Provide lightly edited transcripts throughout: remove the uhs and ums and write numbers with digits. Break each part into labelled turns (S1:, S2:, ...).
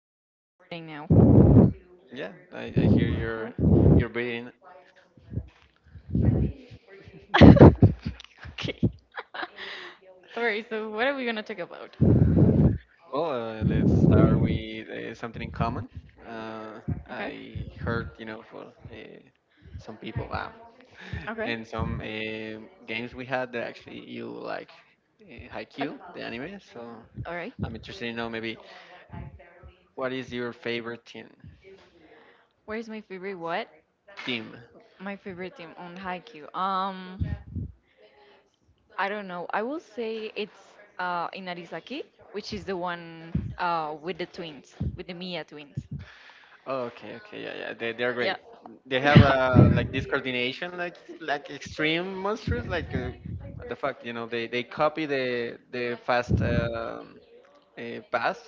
S1: think it's recording now.
S2: Yeah, I hear your
S1: Right.
S2: your brain.
S1: Okay. Alright, so what are we gonna talk about?
S2: Well, let's start with something in common. Uh,
S1: Okay.
S2: I heard, for uh, some people,
S1: Okay.
S2: and some games we had that actually you like
S1: Okay.
S2: Haikyuu, the anime. So
S1: Alright.
S2: I'm interested to know maybe what is your favorite team?
S1: Where is my favorite what?
S2: Team.
S1: My favorite team on Haikyuu. I don't know. I will say it's Inarizaki, which is the one with the twins, with the Mia twins.
S2: Oh, okay, okay, yeah, yeah, they're
S1: Yeah.
S2: great. They have like this coordination, like extreme monsters, like what the fuck. They copy the fast pass,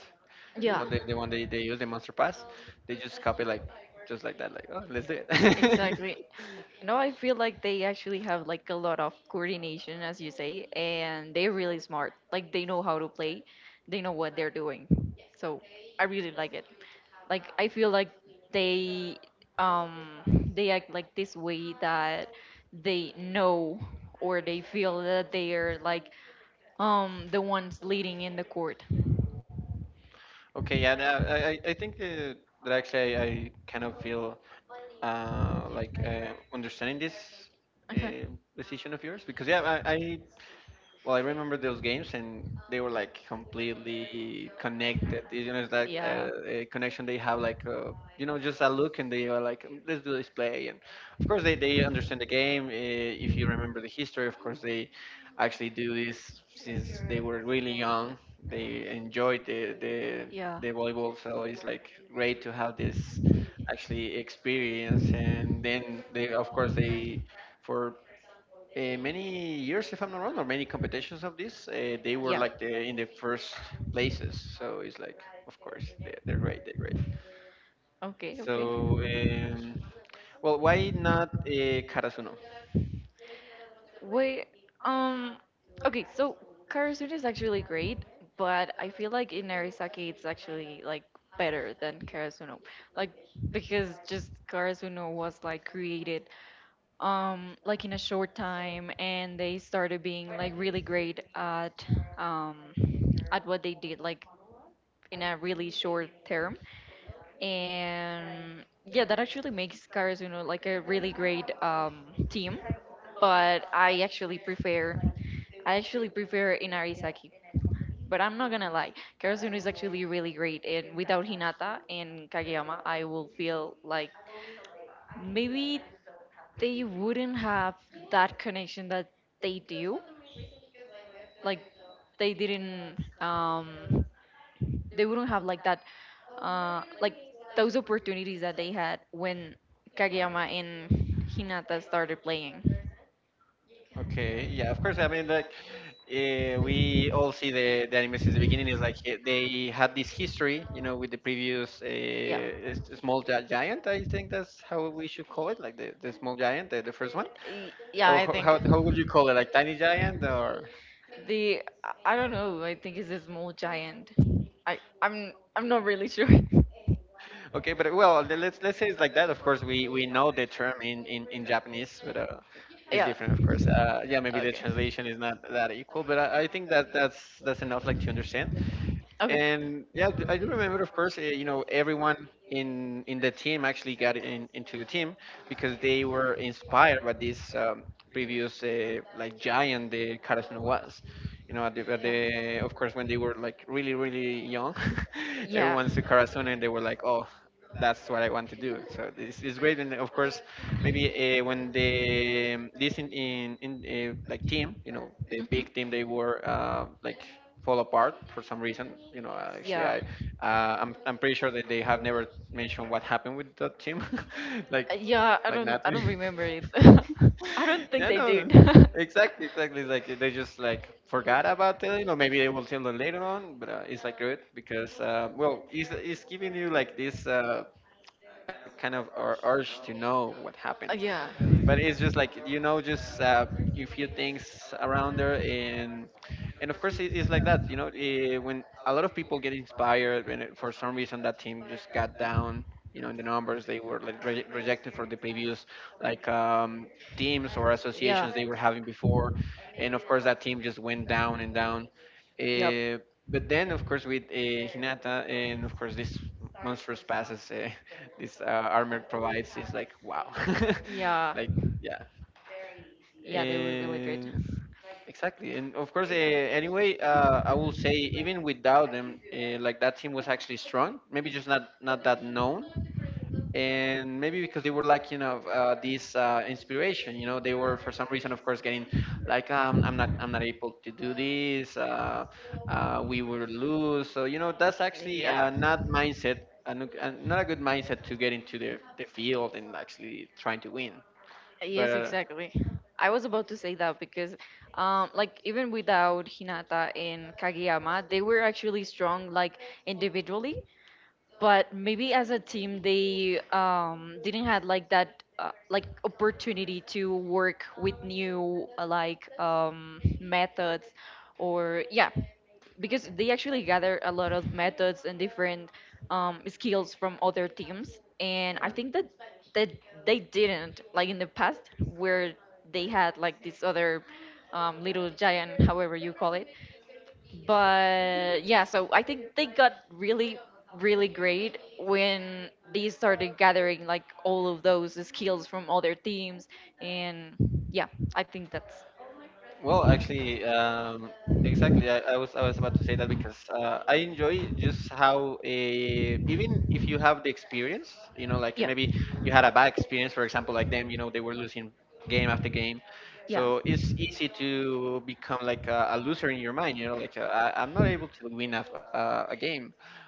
S1: Yeah,
S2: the one they use the monster pass. They just copy like just like that, like, oh, let's do it.
S1: exactly. You know, I feel like they actually have like a lot of coordination, as you say, and they're really smart. Like they know how to play, they know what they're doing. So I really like it. Like I feel like they um they act like this way that they know or they feel that they are like the ones leading in the court.
S2: Okay, yeah, no, I think that actually I kind of feel like understanding this
S1: Okay.
S2: uh, decision of yours, because yeah, I well, I remember those games, and they were like completely connected. You know, it's like a connection they have, like just a look, and they are like, "Mm, let's do this play." And of course, they understand the game. If you remember the history, of course, they actually do this since they were really young. They enjoy the the
S1: Yeah.
S2: the volleyball, so it's like great to have this actually experience. And then they, of course, they. For many years, if I'm not wrong, or many competitions of this, they were like the, in the first places. So it's like, of course, they're great, they're great.
S1: Okay.
S2: So, well, why not Karasuno?
S1: Wait. Um. Okay, so Karasune is actually really great, but I feel like in Narisaki it's actually like better than Karasuno. Like because just Karasuno was like created like in a short time and they started being like really great um at what they did like in a really short term. And yeah, that actually makes Karasuno like a really great team, but I actually prefer, I actually prefer Inarizaki, but I'm not gonna lie, Karazun is actually really great, and without Hinata and Kageyama, I will feel like maybe they wouldn't have that connection that they they didn't they wouldn't have like that opportunity had when Hinata
S2: Okay, yeah, of course. I mean, like we all see the anime since the beginning. Is like, they had this history, you know, with the previous small giant. I think that's how we should call it, like the small giant, the first one. Or how would you call it, like tiny giant, or?
S1: is more giant. Really sure.
S2: Okay, but well, let's say it's like that. Of course, we know the term in Japanese, but it's different, of course. Yeah, maybe the translation is not that equal, but I think that that's enough, like to understand.
S1: I
S2: And yeah, I do remember, of course, everyone in the team actually got into the team, because they were inspired by this previous like giant the Carson was. Of course, when they were like really, really young, everyone saw Carson and they were like, oh, that's what I want to do. So this is great. And of course, maybe when the this in like team, the big team, they were like fall apart for some reason. Actually, I'm pretty sure that they have never mentioned what happened with that team, like like nothing.
S1: remember. I don't.
S2: Yeah, no, exactly, exactly. It's like they just like forgot about it. You know, maybe they will tell them later on, but it's like good, because well, it's giving you like this kind of urge to know what happened, but it's just like, just a few things around there. And of course, it's like that. When a lot of people get inspired, when for some reason that team just got down. In the numbers, they were like rejected for the previous like teams or associations they were having before, and of course that team just went down and down. Eh, but then of course, with Hinata and of course this monstrous passes, this armor provides, is like wow. Like, yeah. And
S1: Exactly.
S2: exactly. And of course, anyway, I will say, even without them, like that team was actually strong, maybe just not that known, and maybe because they were lacking of this inspiration. They were, for some reason, of course, getting like, I'm not able to do this. We will lose. So, that's actually not mindset. Not a good mindset to get into the field and actually trying to win, but
S1: I was about to say that because, like even without Hinata and Kageyama, they were actually strong like individually, but maybe as a team they didn't have like that like opportunity to work with new methods or yeah, because they actually gather a lot of methods and different skills from other teams, and I think
S2: uh,
S1: that that they didn't like in the past where they had like this other little giant, however you call it. But yeah, so I think they got really, really great when they started gathering like all of those skills from other teams. And yeah, I think that's
S2: well, actually, exactly. I was about to say that, because I enjoy just how, even if you have the experience, like maybe you had a bad experience, for example, like them, they were losing game after game, so it's easy to become like a loser in your mind, like I'm not able to win a game.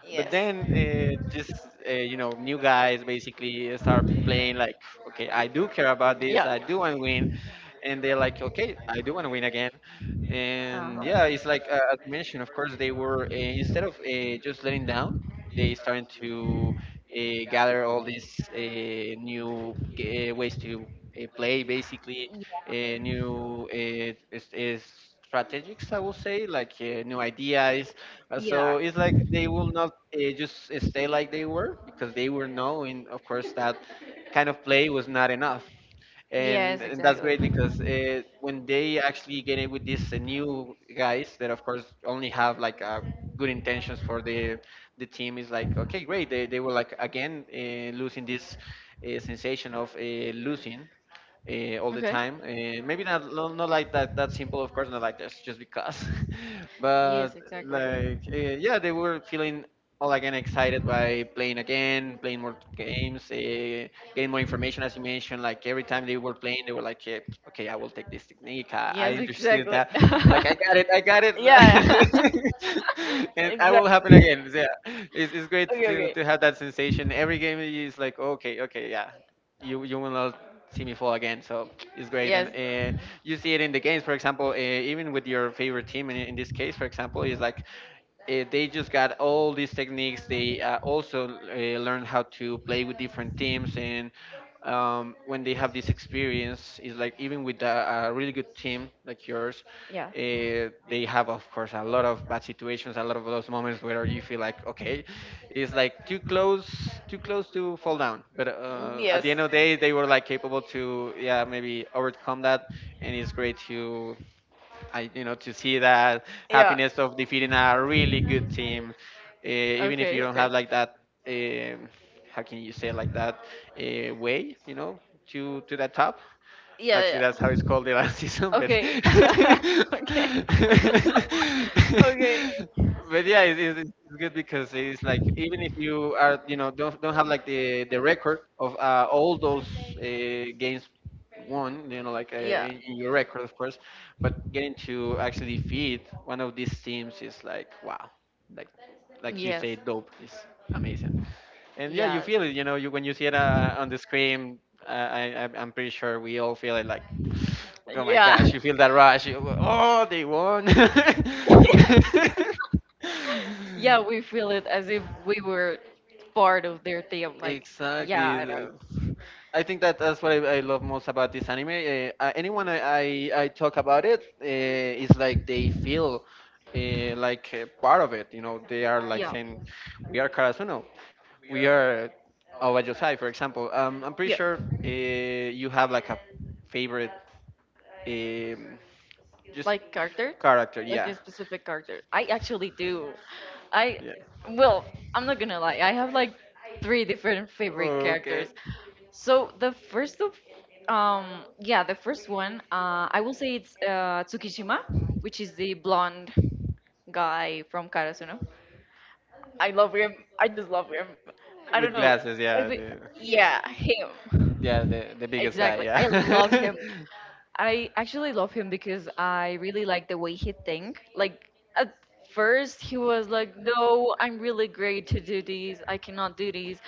S2: But then just new guys basically start playing like, okay, I do care about this, I do want to win, and they're like, okay, I do want to win again. And yeah, it's like as mentioned, of course, they were, instead of just letting down, they started to uh, gather all these ways to play, basically uh, new is strategics, I will say, like new ideas. So it's like they will not just stay like they were, because they were knowing, of course, that kind of play was not enough, and that's great, because when they actually get it with these new guys, that of course only have like good intentions for the team, is like okay, great. They were like again losing this sensation of losing all the time. Maybe not, not like that simple, of course, not like this, just because. But like, yeah, they were feeling all again excited by playing again, playing more games, getting more information, as you mentioned. Like every time they were playing, they were like, yeah, okay, I will take this technique. I understood that. Like,
S1: exactly.
S2: I got it, and I will happen again. So, yeah, it's great to have that sensation. Every game is like, okay, okay, yeah. You will see me fall again. So it's great, and you see it in the games. For example, even with your favorite team, in this case, for example, is like they just got all these techniques. They also learn how to play with different teams, and when they have this experience, it's like even with a really good team like yours, they have, of course, a lot of bad situations, a lot of those moments where you feel like, okay, it's like too close to fall down. But at the end of the day, they were like capable to, yeah, maybe overcome that, and it's great to, to see that happiness of defeating a really good team, even if you don't have like that, um, how can you say, like that way, to the top. Actually,
S1: Yeah,
S2: that's how it's called the last season, but
S1: okay, okay,
S2: but yeah, it's good, because it's like even if you are, don't have like the record of all those games won, like in your record, of course, but getting to actually defeat one of these teams is like wow, like like you say, dope is amazing. And yeah, you feel it. You When you see it on the screen, I'm pretty sure we all feel it. Like, oh my
S1: yeah.
S2: gosh, you feel that rush. You go, oh, they won.
S1: Yeah, we feel it as if we were part of team like
S2: Exactly. I think that that's what I love most about this anime. Anyone I talk about it is like, they feel like part of it. They are like saying, "We are Karasuno, we are Aoba Yosai," for example. I'm pretty sure you have like a favorite, um, just character. Yeah,
S1: specific character. I actually do. i
S2: yeah.
S1: i'm not gonna lie, I have like three different favorite
S2: Okay,
S1: characters. So the first of, yeah, the first, I will say it's Tsukishima, which is the blonde guy from Karasuno. I love him. I just love him. I don't
S2: with
S1: know.
S2: glasses.
S1: I
S2: Yeah,
S1: mean, yeah, him.
S2: yeah, the biggest guy.
S1: I love
S2: Yeah.
S1: him. I actually love him because I really like the way he think. Like at first he was like, "No, I'm really great to do these. I cannot do these.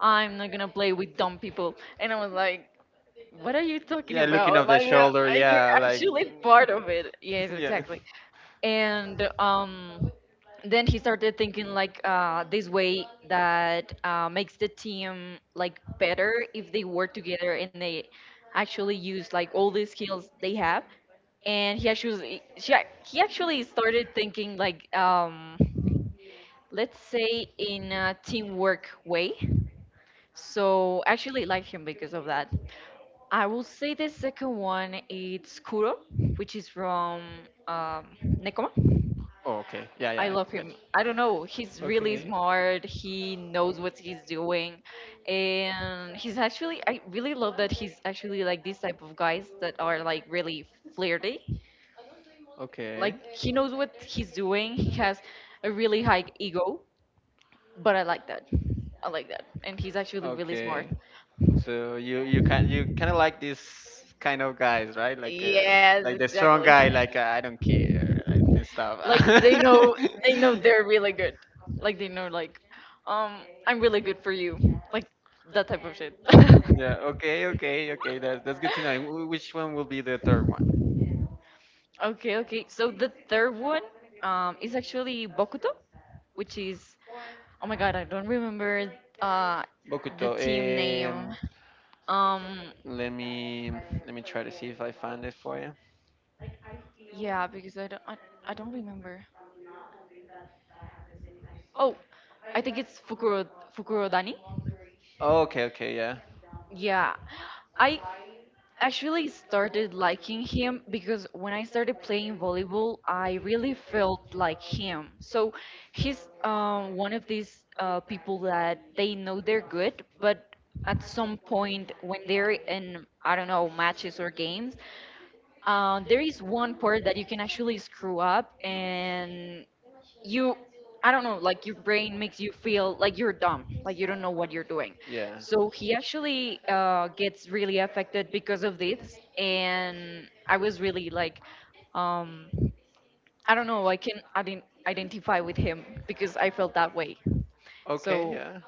S1: I'm not gonna play with dumb people." And I was like, "What are you talking
S2: Yeah, looking
S1: about?
S2: off the
S1: Like
S2: shoulder.
S1: you're
S2: Yeah, like.
S1: actually part of it." Yes,
S2: Yeah.
S1: exactly. and Then he started thinking like this way that makes the team like better if they work together and they actually use like all the skills they have, and he actually started thinking like, let's say, in a teamwork way. So actually like him because of that. I will say the second one, it's Kuro, which is from, um, Nekoma.
S2: Oh, okay. Yeah,
S1: I
S2: yeah.
S1: love
S2: I got
S1: him.
S2: you.
S1: I don't know. He's really
S2: Okay.
S1: smart. He knows what he's doing. And he's actually, I really love that he's actually like these type of guys that are like really flirty. Like
S2: Okay.
S1: he knows what he's doing. He has a really high ego, but I like that. I like that. And he's actually,
S2: Okay. So you kind of like this kind of guys, right?
S1: yes,
S2: Like the strong guy, like I don't care, like, and stuff.
S1: like they know they're really good. Like they know, like, I'm really good for you. Like that type of shit.
S2: Yeah. Okay. Okay. Okay. That's good to know. And which one will be the third one?
S1: Okay, okay. So the third one, is actually Bokuto, which is, oh my god, I don't remember uh
S2: Bokuto.
S1: team name.
S2: Um.
S1: Um,
S2: Let me let me try to see if I find it for you.
S1: yeah, because I don't remember. Oh, I think it's Fukurodani.
S2: Oh, okay, okay, yeah.
S1: Yeah, I actually started liking him because when I started playing volleyball, I really felt like him. So he's one of these people that they know they're good, but at some point when they're in, I don't know, matches or games, there is one part that you can actually screw up, and you, I don't know, like your brain makes you feel like you're dumb, like you don't know what you're doing.
S2: Yeah.
S1: So he actually gets really affected because of this, and I was really like, um, I don't know, I can, I didn't identify with him because I felt that way,
S2: Okay, yeah.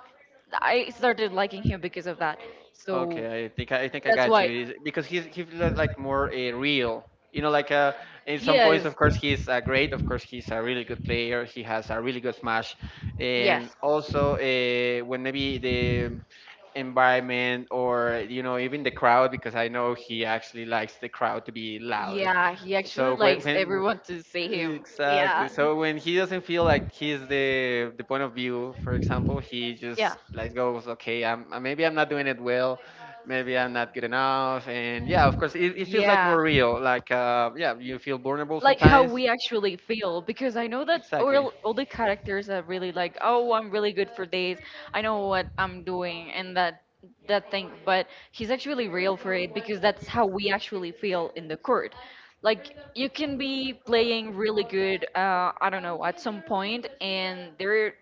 S1: liking him because of that. So
S2: Okay, I think I
S1: that's
S2: got
S1: why
S2: you. He's, because like more a real. You know, in some points, of course, he's great. Of course, he's a really good player. He has a really good smash, and also when maybe the environment or you know even the crowd, because I know he actually likes the crowd to be loud.
S1: he actually
S2: So when,
S1: makes
S2: when
S1: everyone to see him.
S2: exactly, so when he doesn't feel like he's the point of view, for example, he just like goes, okay, I'm maybe I'm not doing it well, maybe I'm not good enough, and yeah, of course, it feels like more real, like yeah, you feel vulnerable sometimes.
S1: We actually feel because I know that
S2: Exactly.
S1: all the characters are really like, oh, I'm really good at what I'm doing and that that thing, but he's actually real. That's how we actually feel in the court. Like you can be playing really good. I don't know. And there,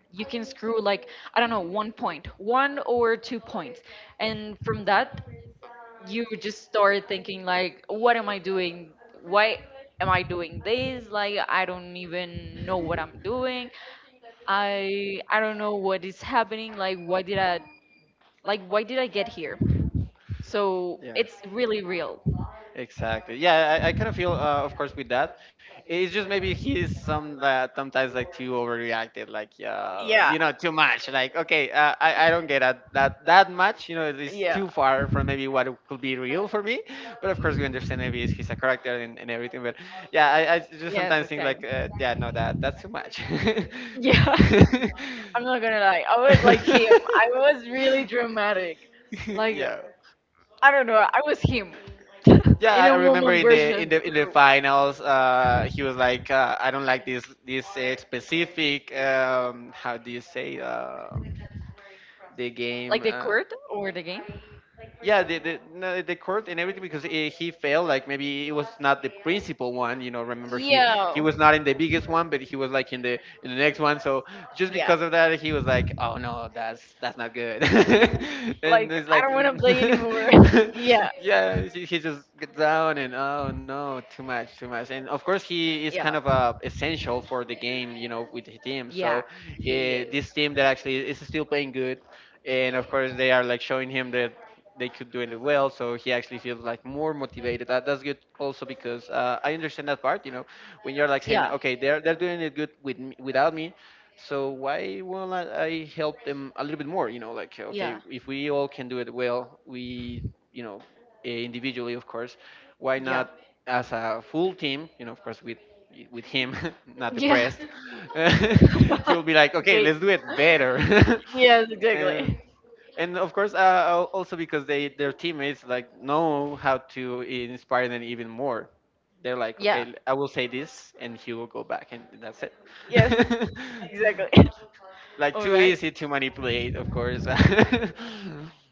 S1: I don't know, one point, one or two, and from that you just start thinking like, oh, am I doing this? Like I don't even know what I'm doing. I I don't know what is happening. Like why did I, like why did I get here? So
S2: Yeah.
S1: it's really real.
S2: Exactly. Yeah, I kind of feel, of course, with that. It's just maybe he's some that sometimes like too overreacted, like you know, too much. Like, okay, I don't get that much. You know, it's too far from maybe what it could be real for me. But of course, we understand maybe he's a character and everything. But yeah, I just sometimes think like, yeah, no, that's too much.
S1: Yeah. I'm not gonna lie. I him. I was really dramatic. Like
S2: yeah.
S1: I don't know. I was him.
S2: Yeah, I remember in
S1: Just.
S2: the finals, he was like, "I don't like this specific how do you say the
S1: Like
S2: game."
S1: the court or the game?
S2: Yeah no, the court and everything because eh, he failed like maybe it was not the principal one, you know, remember he was not in the biggest one, but he was like in the next one. So just because of that he was like, oh no, that's not good. And
S1: Like
S2: it's
S1: I
S2: like
S1: don't want to play anymore. Yeah.
S2: yeah, he just gets down and, oh no, too much, and of course he is kind of essential for the game, you know, with the team, so
S1: Yeah, she.
S2: this team that actually is still playing good, and of course they are like showing him that they could do it well, so he actually feels like more motivated. That's good also because I understand that part, you know, when you're like saying,
S1: Yeah,
S2: okay, they're doing it good with me, without me, so why won't I help them a little bit more, you know, like, okay,
S1: yeah,
S2: if we all can do it well, we you know eh, individually of course, why
S1: yeah.
S2: not as a full team, you know, of course with him not
S1: Yeah.
S2: depressed. He will be like, okay, let's do it better.
S1: Yes.
S2: and
S1: Exactly.
S2: and of course al- also because they their teammates like know how to inspire them even more. They're like, yeah, okay, I will say this and he will go back and that's it.
S1: Yes. Exactly.
S2: Like too easy to manipulate, of course.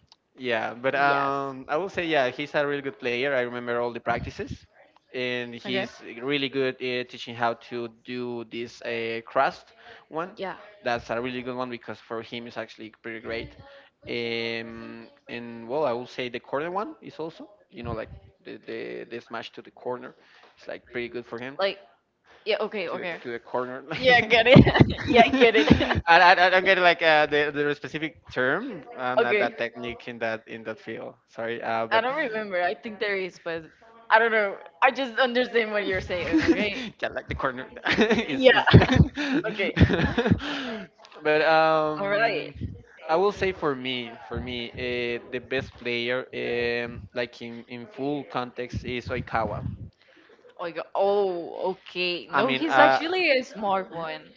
S2: Yeah, but I will say yeah, he's a really good player. I remember all the practices, and
S1: Okay.
S2: he's really good at teaching how to do this crust one.
S1: Yeah.
S2: That's a really good one because for him it's actually pretty great. And well, I will say the corner one is also, you know, like the smash to the corner. It's like pretty good for him
S1: Yeah, okay,
S2: to
S1: okay.
S2: to the corner. And
S1: I get it. You get it.
S2: I don't get like the specific term. I'm not
S1: Okay.
S2: that technique in that field. Sorry, but
S1: Don't remember. I there is, but I just under-. Okay.
S2: yeah, like the corner is
S1: Yeah.
S2: is.
S1: Okay.
S2: But
S1: All right.
S2: I will say for me, the best player, like in full context, is Oikawa.
S1: Oh, you go-, oh, okay.
S2: I mean,
S1: Really a smart one.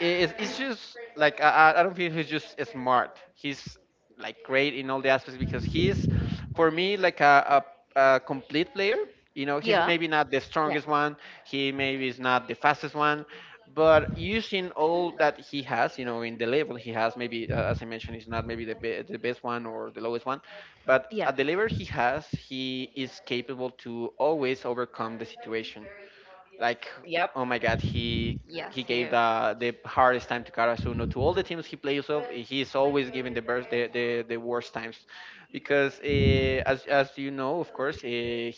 S2: it's just like I don't feel he's just smart. He's like great in all the aspects because he's for me like a complete player. You know, he's maybe not the strongest one. He maybe is not the fastest one, but using all that he has, you know, in the level he has, maybe as I mentioned, he's not maybe the be- the best one or the lowest one, but at the level he has, he is capable to always overcome the situation. Like, oh my God, he
S1: Yeah.
S2: he gave the hardest time to Karasuno, to all the teams he plays of. He's always giving the best, the worst times, because as you know, of course,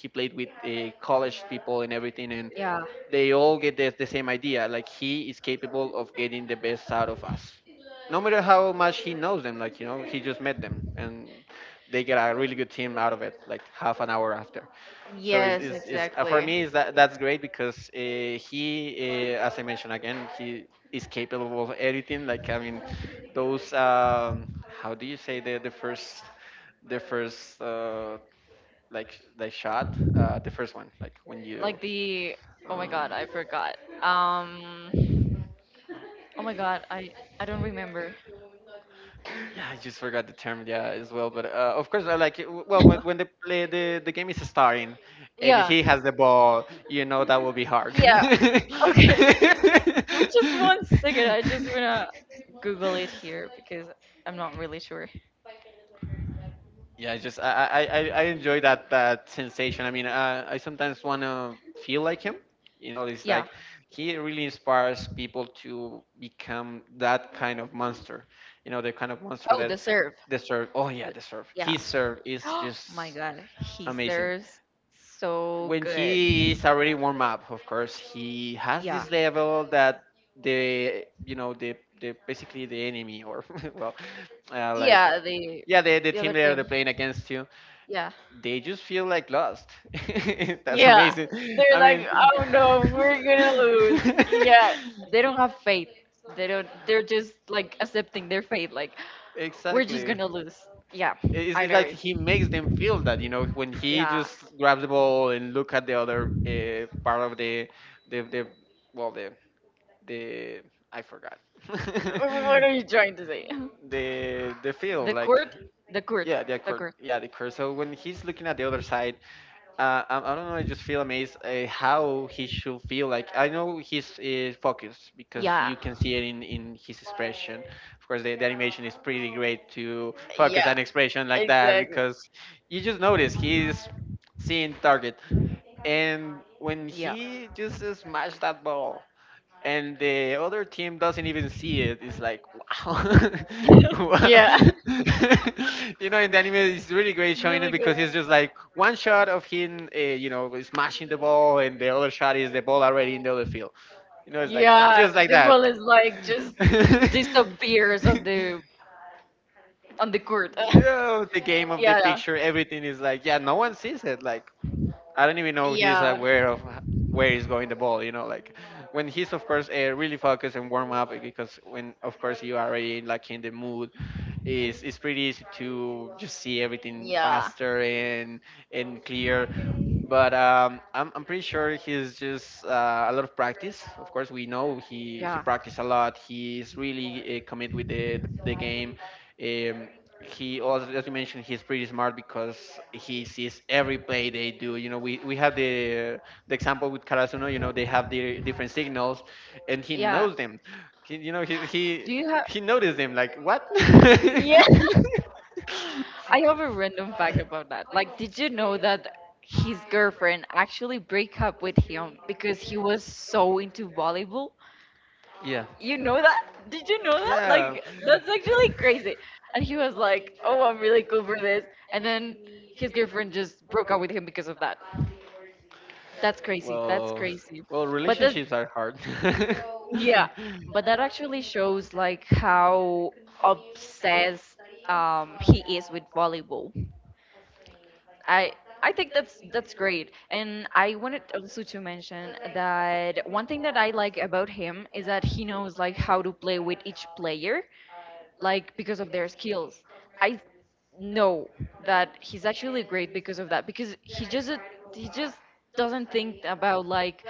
S2: he played with college people and everything, and
S1: Yeah.
S2: they all get the same idea. Like he is capable of getting the best out of us no matter how much he knows them, like you know, he just met them, and they get a really good team out of it, like half an hour after. So
S1: Yeah.
S2: it's, for me, is that that's great because he, as I mentioned again, he is capable of editing. Like I mean, those how do you say the first like shot the first one like when you
S1: Like the, oh my
S2: um,
S1: god, I forgot. Um, God, I,
S2: yeah, I just forgot the term. Yeah, as well. But of course, I like it. W- Well, when the play the game is starting, and yeah,
S1: yeah,
S2: he has the ball, you know that will be hard.
S1: yeah, okay. Give me just
S2: Yeah.
S1: one second. I just wanna is, I'm really sure
S2: Yeah, I just I enjoy that sensation. I mean, I sometimes want to feel like him. You know, it's like he really inspires people to become that kind of monster. You know, the kind of monster that
S1: serve.
S2: the serve. Oh yeah, the serve. His serve is just
S1: Got it.
S2: amazing.
S1: So
S2: When he is already warm up, of course, he has this level that the you know the basically the enemy or well like
S1: yeah, they,
S2: yeah the team that they're playing against you
S1: yeah
S2: they just feel like lost. That's
S1: yeah,
S2: amazing.
S1: they're
S2: I
S1: like,
S2: mean,
S1: oh we're gonna lose. Yeah, they they're just like accepting their fate. Like just
S2: exactly,
S1: gonna lose. Yeah.
S2: it's like he makes them feel that you know when he just grabs the ball and look at the other part of the well the I forgot
S1: What are you trying to say?
S2: the field like
S1: The course,
S2: yeah the court,
S1: course.
S2: yeah the court, so when he's looking at the other side. I don't know. I just feel amazed how he should feel. Like I know he's focused because you can see it in his expression. Of course, the animation is pretty great to focus an expression like that because you just notice he's seeing the target, and when he just smashed that ball and the other team doesn't even see it, it's like wow.
S1: Yeah,
S2: Wow. You know, in the anime it's really great showing it because it's just like one shot of him you know smashing the ball, and the other shot is the ball already in the other field. You know, it's like just like that.
S1: is just disappears on the court.
S2: Yeah, the game of the
S1: Yeah,
S2: picture, everything is like, yeah, no one sees it. Like I don't even know he's aware of h- where he's going the ball. You know, like when he's of course really focused and warm up, because when of course you are already like in the mood, it's pretty easy to just see everything
S1: yeah,
S2: faster and clear. But I'm pretty sure he's just a lot of practice. Of course, we know he
S1: yeah.
S2: practiced a lot. He's really committed with the game. Um, he also, as you mentioned, he's pretty smart because he sees every play they do. You know, we have the example with Karasuno. You know, they have the different signals, and he knows them. He, you know, he
S1: Do
S2: he
S1: you have?
S2: he noticed him, like, what?
S1: Yeah. I have a random fact about that. Like, did you know that his girlfriend actually break up with him because he was so into volleyball?
S2: Yeah.
S1: You know that? Did you know that?
S2: Yeah.
S1: Like, that's actually like, crazy. And he was like, oh, I'm really cool for this. And then his girlfriend just broke up with him because of that. That's crazy. That's
S2: Well,
S1: crazy.
S2: well,
S1: That's,
S2: relationships are hard.
S1: yeah. But that actually shows, like, how obsessed he is with volleyball. I. I think that's great. And I wanted also to mention that one thing that I like about him is that he knows like how to play with each player like because of their skills. I know that he's actually great because of that because he just doesn't think about like,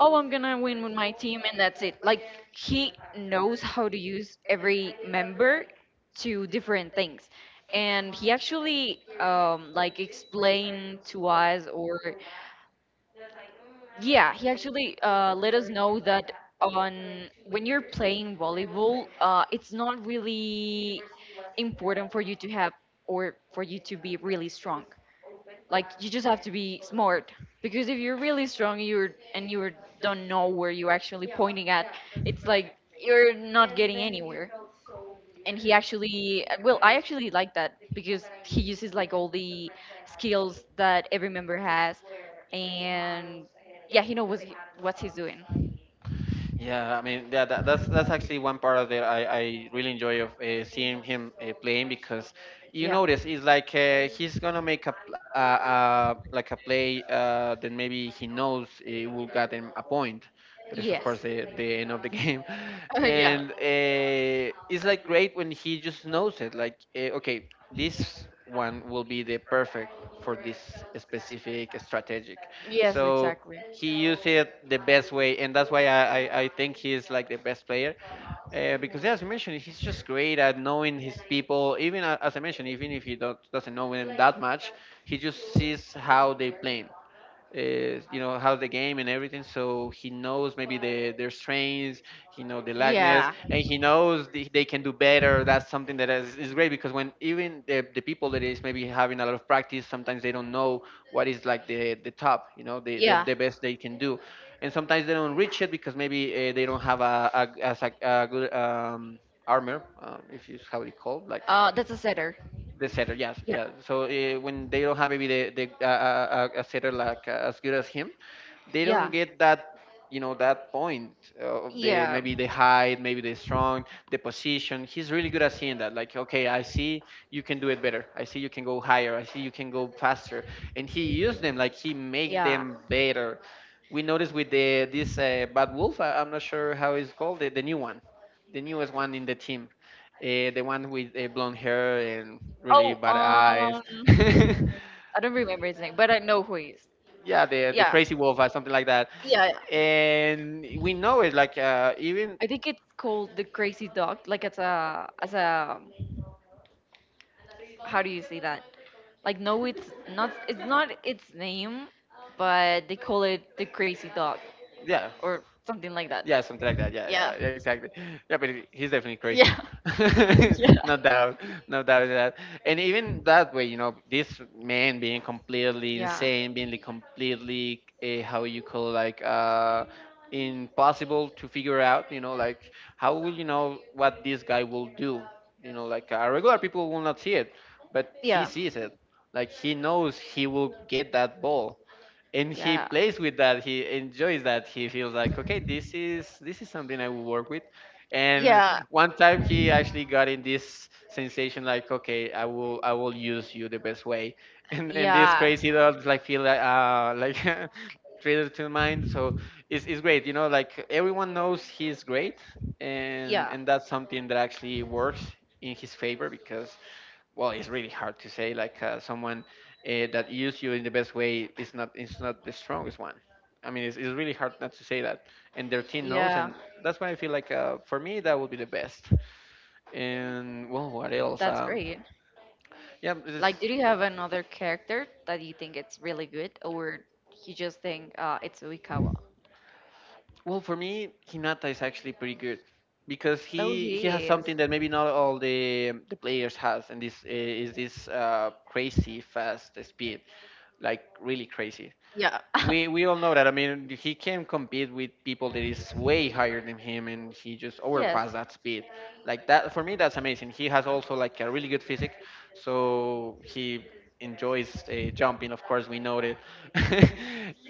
S1: oh I'm gonna win with my team and that's it. Like he knows how to use every member to different things, and he actually, like explained to us, or yeah, he actually let us know that on when you're playing volleyball, it's not really important for you to have, or for you to be really strong. Like you just have to be smart, because if you're really strong, you're and you don't know where you're actually pointing at, it's like you're not getting anywhere. And he actually, well, I actually like that because he uses like all the skills that every member has.
S2: Yeah, I mean, yeah, that's actually one part of it I really enjoy of seeing him playing because you notice it's like he's gonna make a p- like a play that maybe he knows it will get him a point, but it's of
S1: Yeah,
S2: course the end of the game,
S1: yeah.
S2: and it's like great when he just knows it. Like okay, this one will be the perfect for this specific strategic,
S1: Yes,
S2: so he used it the best way, and that's why I think he's like the best player. Because yeah, as you mentioned, he's just great at knowing his people. Even a- as I mentioned, even if he don't, doesn't know them that much, he just sees how they play, uh, you know, how the game and everything. So he knows maybe their strengths, he knows the lackness, and he knows they can do better. That's something that is great because when even the people that is maybe having a lot of practice, sometimes they don't know what is like the top, you know, yeah, The best they can do, and sometimes they don't reach it because maybe they don't have a, as a good armor, if you how it's called, like,
S1: that's a setter.
S2: Uh, the setter, yes. Yeah,
S1: Yeah.
S2: yeah, so when they don't have maybe the a setter like as good as him, they don't get that you know that point, of the, maybe the height, maybe the strong, the position. He's really good at seeing that, like, okay, I see you can do it better, I see you can go higher, I see you can go faster, and he used them, like, he made them better. We noticed with the this bad wolf. I'm not sure how it's called, the new one, the newest one in the team. The one with blonde hair and really
S1: Oh,
S2: bad eyes.
S1: um, I don't remember his name, but I know who he is.
S2: Yeah, the crazy wolf or something like that,
S1: Yeah,
S2: and we know it, like, even.
S1: I think it's called the crazy dog. Like it's a as a, like no, it's not. It's not its name, but they call it the crazy
S2: Yeah.
S1: or something like that.
S2: Yeah, something like that. Yeah, yeah, yeah, exactly. Yeah, but he's definitely crazy.
S1: Yeah.
S2: No doubt, no doubt in that. And even that way, this man being completely insane, being like completely, how you call, like, impossible to figure out. You know, like, how will you know what this guy will do? Like, regular people will not see it, but he sees it. Like, he knows he will get that ball, and he plays with that, he enjoys that, he feels like, okay, this is something I will work with. And
S1: Yeah.
S2: one time he actually got in this sensation, like, okay, I will use you the best way, and then this
S1: Uh,
S2: crazy dog, like, feel like, like, like traded to mind, so it's great, like, everyone knows he's great, and
S1: yeah.
S2: and that's something that actually works in his favor, because, well, it's really hard to say. Like, someone, that used you in the best way, is not the strongest one. I mean, it's really hard not to say that, and their team knows,
S1: Yeah.
S2: and that's why I feel like, for me that would be the best. And, well, what else?
S1: That's great.
S2: Yeah, it's.
S1: Like, do you have another character that you think it's really good, or you just think it's Uikawa?
S2: Well, for me, Hinata is actually pretty good, because he has something that maybe not all the players has, and this, is this, crazy fast speed, like, really crazy.
S1: Yeah.
S2: We all know that. I mean, he can compete with people that is way higher than him, and he just overpassed that speed. Like that, for me, that's amazing. He has also, like, a really good physique, so he enjoys jumping. Of course, we know that.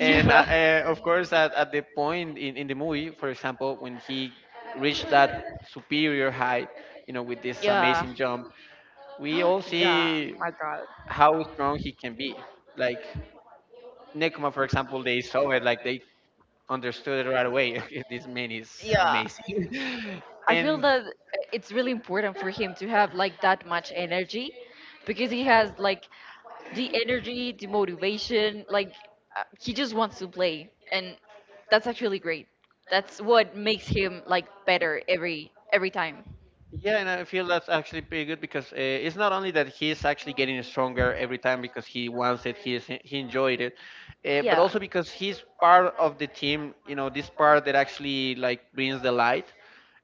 S2: And of course, at the point in the movie, for example, when he reached that superior height, with this amazing jump, we all see
S1: My God.
S2: how strong he can be. Like Nekoma, for example, they saw it. Like, they understood it right away. This man is amazing.
S1: I feel
S2: And
S1: that it's really important for him to have like that much energy because he has like the energy, the motivation, like he just wants to play and that's actually great. That's what makes him like better every time.
S2: yeah, and I feel that's actually pretty good, because it's not only that he's actually getting stronger every time because he wants it, he is, he enjoyed it, but also because he's part of the team. This part that actually, like, brings the light.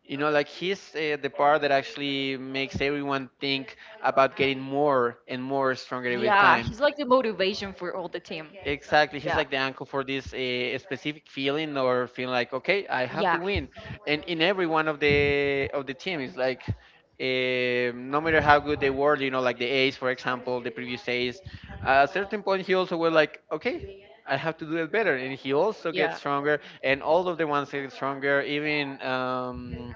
S2: Like, he's the part that actually makes everyone think about getting more and more stronger every time.
S1: He's like the motivation for all the team.
S2: Exactly. He's like the uncle for this, specific feeling, or feeling like, okay, I have
S1: Yeah.
S2: to win. And in every one of the team, it's like, no matter how good they were, like, the ace, for example, the previous ace, at a certain point, he also was like, okay, I have to do it better. And he also gets stronger, and all of the ones get stronger, even,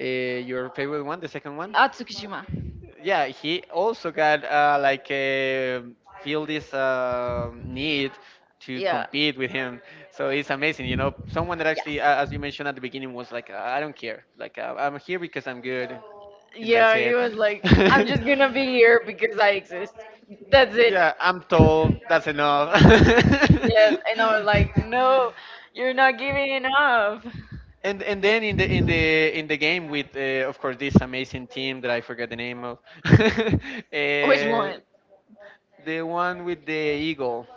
S2: uh, your favorite one, the second one. Yeah, he also got like, feel this, need to compete with him, so it's amazing, someone that actually, as you mentioned at the beginning, was like, I don't care, like, I'm here because I'm good, and that's
S1: Yeah, he
S2: it.
S1: was like just going to be here because I exist. That's,
S2: Yeah, I'm told that's enough.
S1: yes, and I was like, no, you're not giving enough. Which
S2: And then in the game with, of course, this amazing team that I forgot the name of, uh,
S1: one?
S2: the one with the eagle.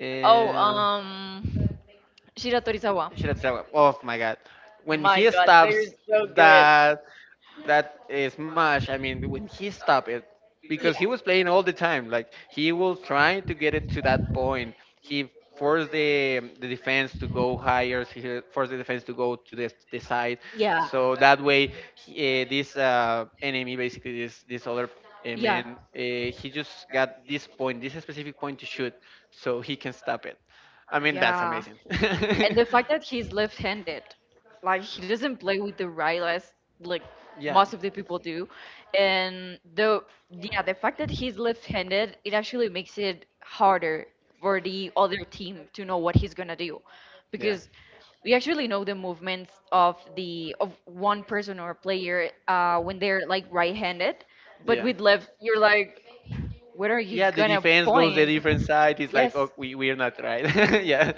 S2: Uh,
S1: Um, Shira Torizawa.
S2: Shira Tsawa. Oh my god. When he stops
S1: So
S2: that that smash. I mean, when he stopped it, because he was playing all the time, like, he was trying to get it to that point. He forced the defense to go higher, he forced the defense to go to the side,
S1: yeah,
S2: so that way he, this, enemy, basically, this other, man, he just got this point, this specific point, to shoot so he can stop it. I mean, that's amazing.
S1: and the fact that he's left-handed, like he doesn't play with the right as like
S2: Yeah.
S1: most of the do, and the yeah, the fact that he's left-handed, it actually makes it harder for the other team to know what he's gonna do,
S2: Yeah.
S1: because we actually know the movements of the of one person or player when they're like right-handed, but
S2: Yeah.
S1: with left, you're like,
S2: Yeah, the defense goes the different side. It's like,
S1: yes,
S2: oh, we're not right. Yeah.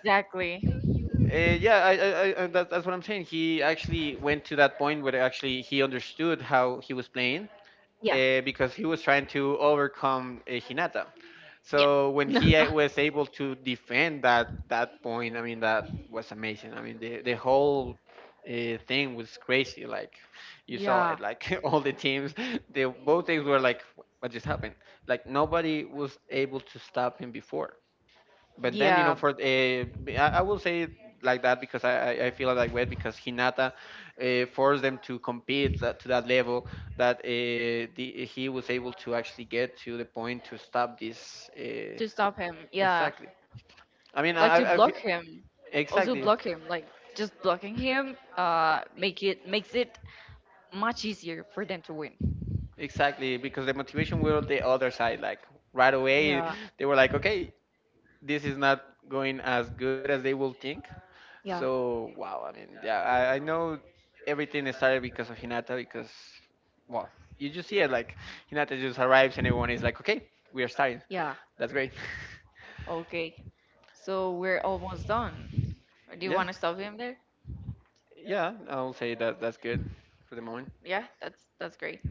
S1: exactly,
S2: Yeah, and that's what I'm saying. He actually went to that point where actually he understood how he was playing,
S1: yeah,
S2: because he was trying to overcome, Hinata. So when he was able to defend that point, I mean, that was amazing. I mean, the whole, thing was crazy. Like, you saw
S1: yeah,
S2: it, like, all the teams, they, both teams were like, "What just happened?" Like, nobody was able to stop him before, but then, for I will say it like that, because I feel like way, because Hinata forced them to compete that, to that level that, the, he was able to actually get to the point to stop this,
S1: to stop him, yeah,
S2: exactly. I mean,
S1: block him,
S2: exactly.
S1: block him, like just blocking him, make it makes it much easier for them to win.
S2: Exactly, because the motivation were on the other side, like, right away they were like, okay, this is not going as good as they will think. So, wow, I mean, yeah, I know everything started because of Hinata, because, well, you just see it, like, Hinata just arrives and everyone is like, okay, we are starting.
S1: Yeah,
S2: That's great.
S1: okay, so we're almost done. Do you
S2: Yeah,
S1: want to stop him there?
S2: yeah, I'll say that, that's good for the moment.
S1: Yeah, that's great.